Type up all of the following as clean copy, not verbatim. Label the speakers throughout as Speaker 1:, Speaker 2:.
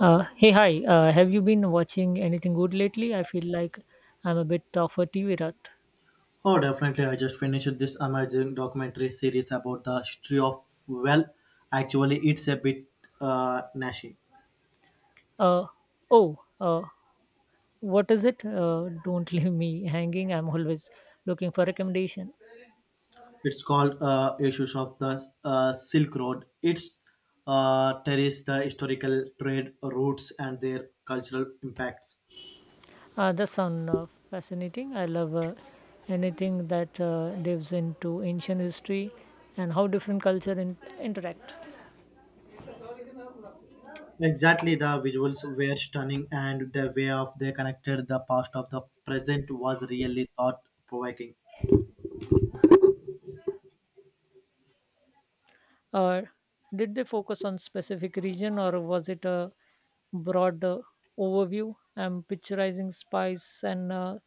Speaker 1: Hey, hi. Have you been watching anything good lately? I feel like I'm a bit of a TV rat.
Speaker 2: Oh, definitely. I just finished this amazing documentary series about the history of, well, actually, it's a bit nasty.
Speaker 1: Uh, oh, uh, what is it? Don't leave me hanging. I'm always looking for recommendation.
Speaker 2: It's called Issues of the Silk Road. It's traces the historical trade routes and their cultural impacts.
Speaker 1: That sounds fascinating. I love anything that dives into ancient history and how different culture interact.
Speaker 2: Exactly, the visuals were stunning, and the way of they connected the past of the present was really thought provoking.
Speaker 1: Uh, did they focus on specific region or was it a broad overview? I'm picturizing spice and uh,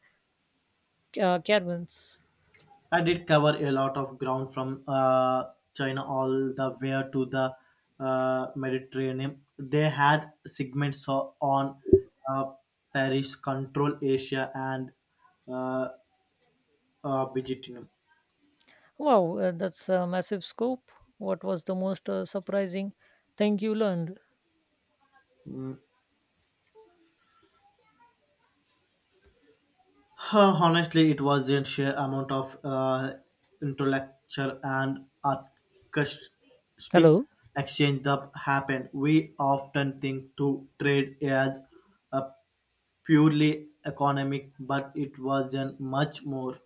Speaker 1: uh, caravans.
Speaker 2: I did cover a lot of ground from China all the way to the Mediterranean. They had segments on uh, Paris, Control Asia, and uh, Byzantium.
Speaker 1: Wow, that's a massive scope. What was the most surprising thing you learned?
Speaker 2: Honestly, it was a sheer amount of intellectual and artistic
Speaker 1: Hello,
Speaker 2: exchange that happened. We often think to trade as uh, purely economic, but it was a much more.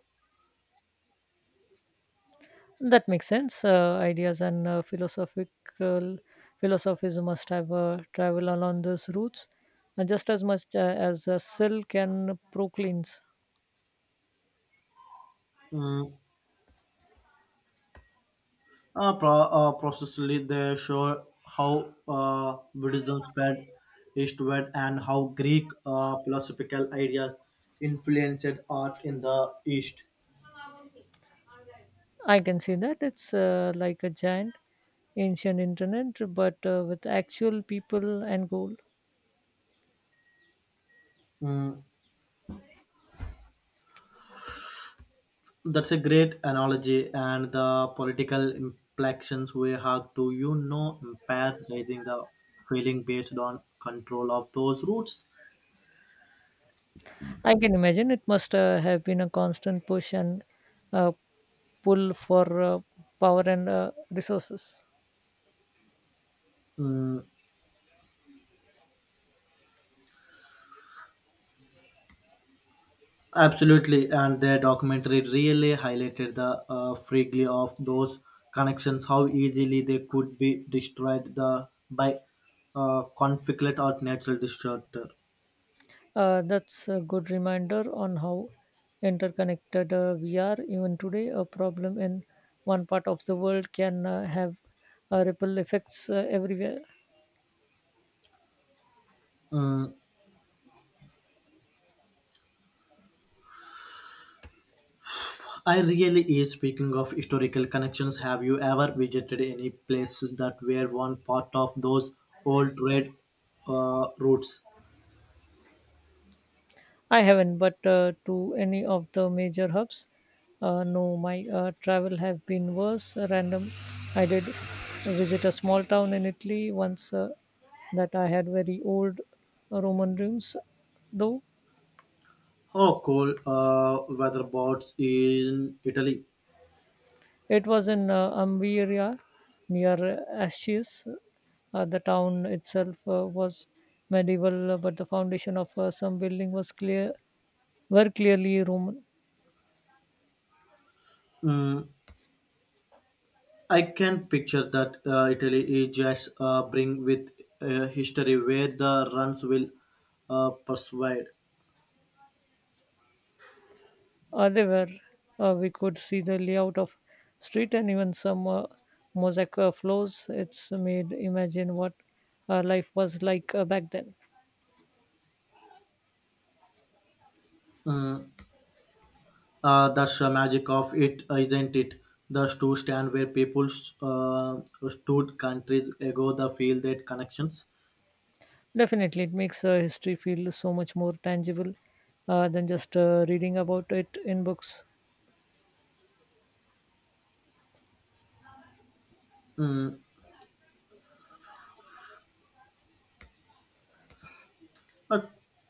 Speaker 1: that makes sense. Ideas and philosophical philosophies must have travel along those routes, just as much as silk and proclines.
Speaker 2: mm, Processively, they show how Buddhism spread eastward and how Greek philosophical ideas influenced art in the East.
Speaker 1: I can see that it's like a giant ancient internet, but with actual people and goal.
Speaker 2: Mm, that's a great analogy, and the political implications we have to, you know, empathizing the feeling based on control of those roots.
Speaker 1: I can imagine it must have been a constant push and uh, pull for power and resources.
Speaker 2: Mm, Absolutely, and their documentary really highlighted the freaky of those connections, how easily they could be destroyed the by conflict or natural disaster.
Speaker 1: That's a good reminder on how interconnected we are. Even today, a problem in one part of the world can have ripple effects everywhere.
Speaker 2: Mm, I really is speaking of historical connections. Have you ever visited any places that were one part of those old trade routes?
Speaker 1: I haven't, but to any of the major hubs. No, my travel have been worse. Random, I did visit a small town in Italy once that I had very old Roman rooms, though.
Speaker 2: Oh, cool. Weather boats in Italy.
Speaker 1: It was in Umbria near the town itself was medieval, but the foundation of some building was clear were clearly Roman.
Speaker 2: Mm, I can picture that Italy is just bring with history where the runs will persuade.
Speaker 1: They were. We could see the layout of street and even some mosaic floors. It's made imagine what life was like back then.
Speaker 2: Mm, that's the magic of it, isn't it? The two stand where people uh, stood countries ago, the feel that connections.
Speaker 1: Definitely, it makes history feel so much more tangible than just reading about it in books.
Speaker 2: Mm, I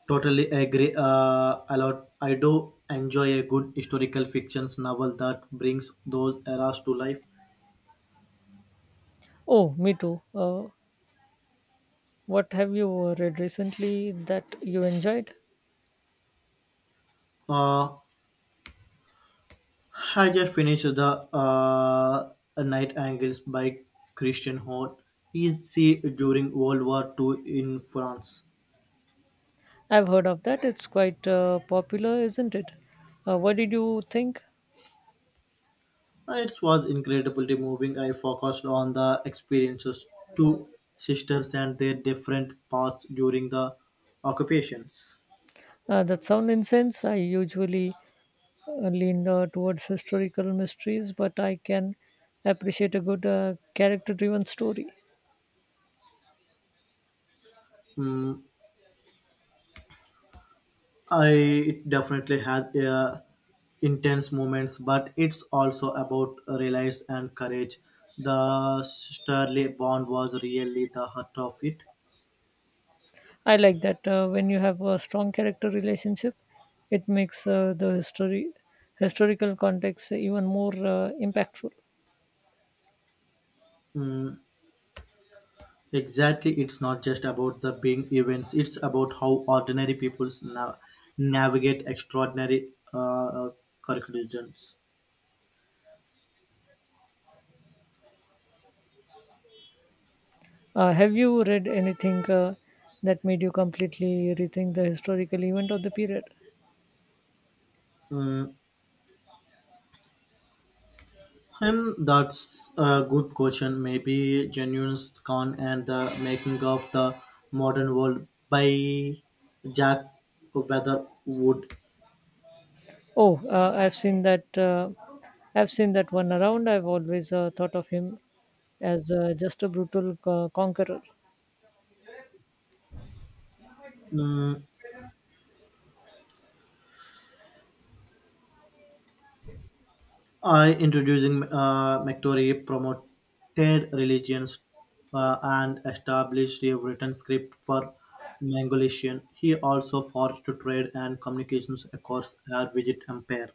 Speaker 2: totally agree. A lot. I do enjoy a good historical fictions novel that brings those eras to life.
Speaker 1: Oh, me too. What have you read recently that you enjoyed?
Speaker 2: Uh, I just finished the Night Angles by Christian Horn. Easy during World War II in France.
Speaker 1: I've heard of that. It's quite popular, isn't it? What did you think?
Speaker 2: It was incredibly moving. I focused on the experiences two sisters and their different paths during the occupations.
Speaker 1: That sound incense. I usually lean towards historical mysteries, but I can appreciate a good character-driven story.
Speaker 2: Mm, I it definitely had intense moments, but it's also about reliance and courage. The sisterly bond was really the heart of it.
Speaker 1: I like that when you have a strong character relationship, it makes the history historical context even more impactful.
Speaker 2: Mm, exactly. It's not just about the big events, it's about how ordinary people navigate extraordinary curriculums.
Speaker 1: Have you read anything that made you completely rethink the historical event of the period?
Speaker 2: Mm, and that's a good question. Maybe Genuine Khan and the Making of the Modern World by Jack Weatherwood.
Speaker 1: Oh, I've seen that one around. I've always thought of him as just a brutal conqueror.
Speaker 2: Mm, I introducing Mactory promoted religions and established a written script for Mongolian. He also forged trade and communications across her widget empire.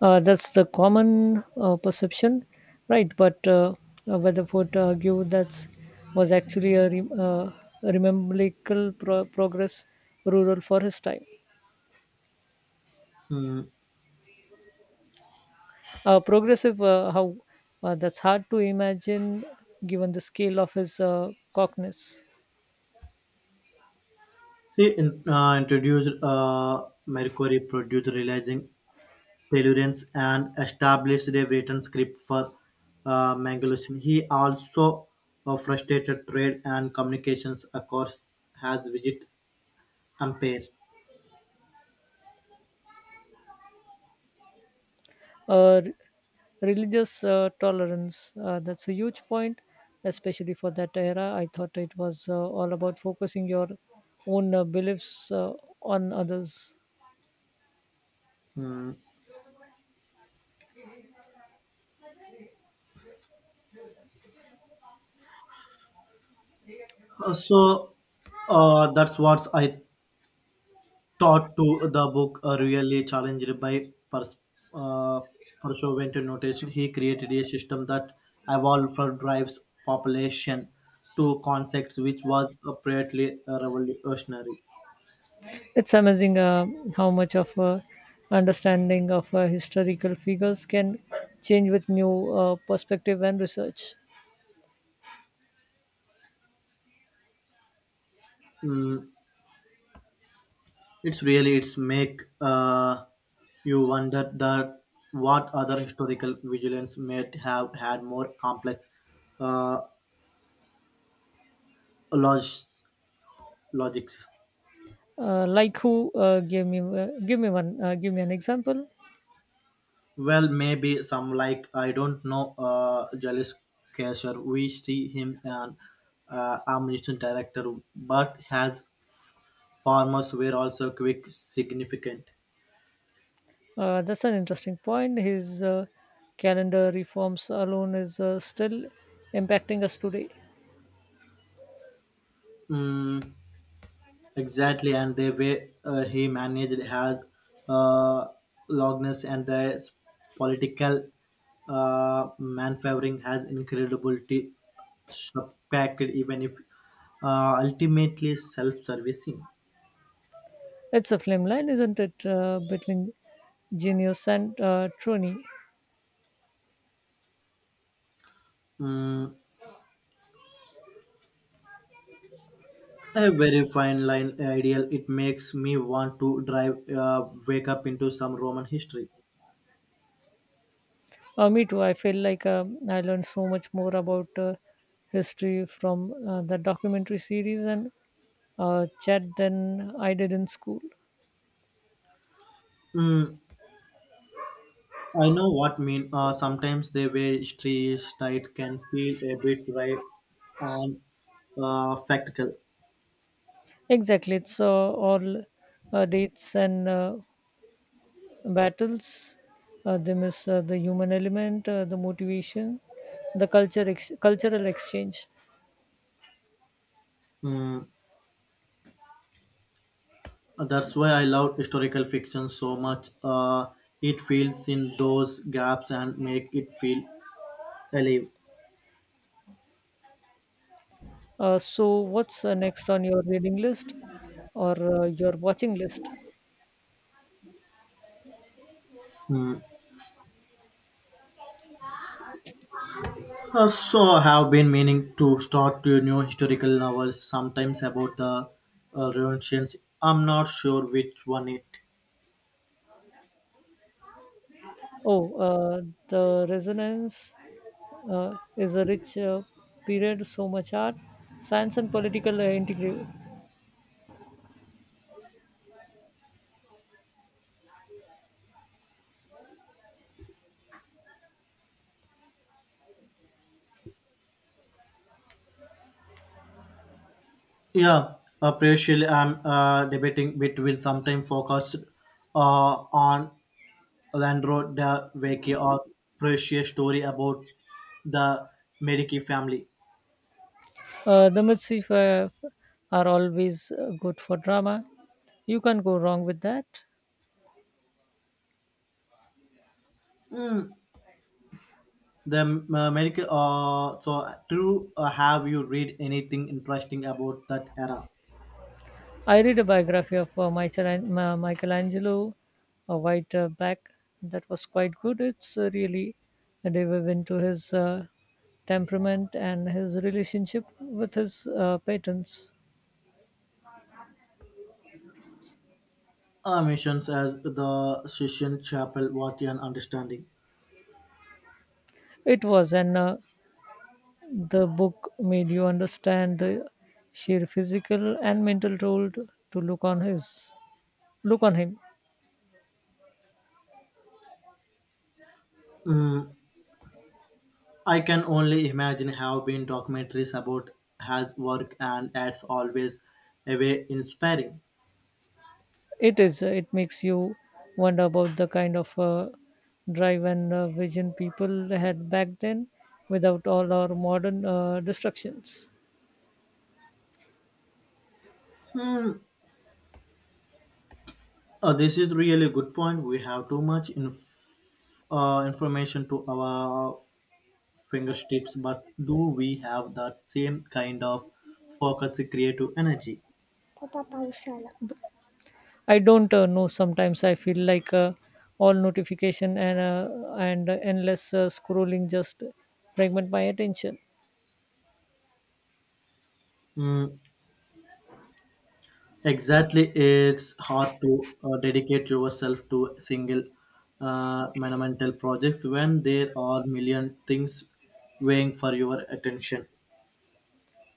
Speaker 1: That's the common perception, right? But Weatherford argued that was actually a remarkable progress rural for his time.
Speaker 2: Hmm.
Speaker 1: Progressive, how that's hard to imagine given the scale of his cockness.
Speaker 2: Introduced Mercury produced realizing Tellurians and established a written script for Mongolian. He also frustrated trade and communications across has widget empire.
Speaker 1: Uh, re- Religious tolerance, that's a huge point, especially for that era. I thought it was all about focusing your own beliefs on others.
Speaker 2: Hmm. So that's what I thought to the book really challenged by uh, pursuant notation. He created a system that evolved for drives population to concepts which was apparently revolutionary.
Speaker 1: It's amazing how much of understanding of historical figures can change with new perspective and research.
Speaker 2: Mm, it's really it's make you wonder that what other historical vigilance may have had more complex uh, log- logics.
Speaker 1: Like who? Give me one. Give me an example.
Speaker 2: Well, maybe some like I don't know, Jalis Kasher. We see him an ammunition director, but has farmers were also quick significant.
Speaker 1: That's an interesting point. His calendar reforms alone is still impacting us today.
Speaker 2: Mm, exactly, and the way he managed has uh, Logness and the political manfavoring has incredibility subpacked, even if ultimately self-servicing.
Speaker 1: It's a flame line, isn't it, between genius and Trony?
Speaker 2: Mm, a very fine line ideal it makes me want to drive wake up into some roman history.
Speaker 1: Me too. I feel like I learned so much more about history from the documentary series and chat than I did in school.
Speaker 2: mm, I know what mean. Sometimes the way history is tight can feel a bit right and factical.
Speaker 1: Exactly, it's all dates and battles, they miss the human element, the motivation, the cultural exchange.
Speaker 2: mm, that's why I love historical fiction so much. It fills in those gaps and make it feel alive.
Speaker 1: So, what's next on your reading list or your watching list?
Speaker 2: Hmm. So I have been meaning to start two new historical novels, sometimes about the Renaissance. I'm not sure which one it.
Speaker 1: Oh, the resonance is a rich period, so much art, science, and political integrity.
Speaker 2: Yeah, partially I'm debating between sometimes focused uh, on Leandro da Vecchi or Precious story about the Medici family.
Speaker 1: The Mitzvah are always good for drama. You can't go wrong with that.
Speaker 2: Mm. The Medici. So, do have you read anything interesting about that era?
Speaker 1: I read a biography of Michelangelo Whiteback that was quite good. It's really a delve into his temperament and his relationship with his patrons.
Speaker 2: Uh, missions as the Shishin Chapel what an understanding.
Speaker 1: It was, and the book made you understand the sheer physical and mental toll to look on his look on him.
Speaker 2: Mm, I can only imagine how been documentaries about his work and that's always a way inspiring.
Speaker 1: It is. It makes you wonder about the kind of drive and vision people had back then without all our modern distractions.
Speaker 2: This is really a good point. We have too much information to our fingertips, but do we have that same kind of focus creative energy?
Speaker 1: I don't know. Sometimes I feel like all notification and endless scrolling just fragment my attention.
Speaker 2: Mm, Exactly, it's hard to dedicate yourself to single monumental projects when there are million things weighing for your attention.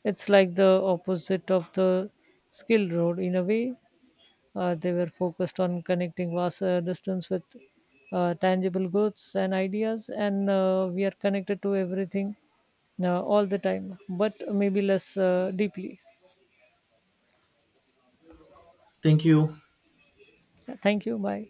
Speaker 1: It's like the opposite of the skill road in a way. They were focused on connecting vast distance with tangible goods and ideas, and we are connected to everything all the time, but maybe less deeply.
Speaker 2: Thank you.
Speaker 1: Thank you. Bye.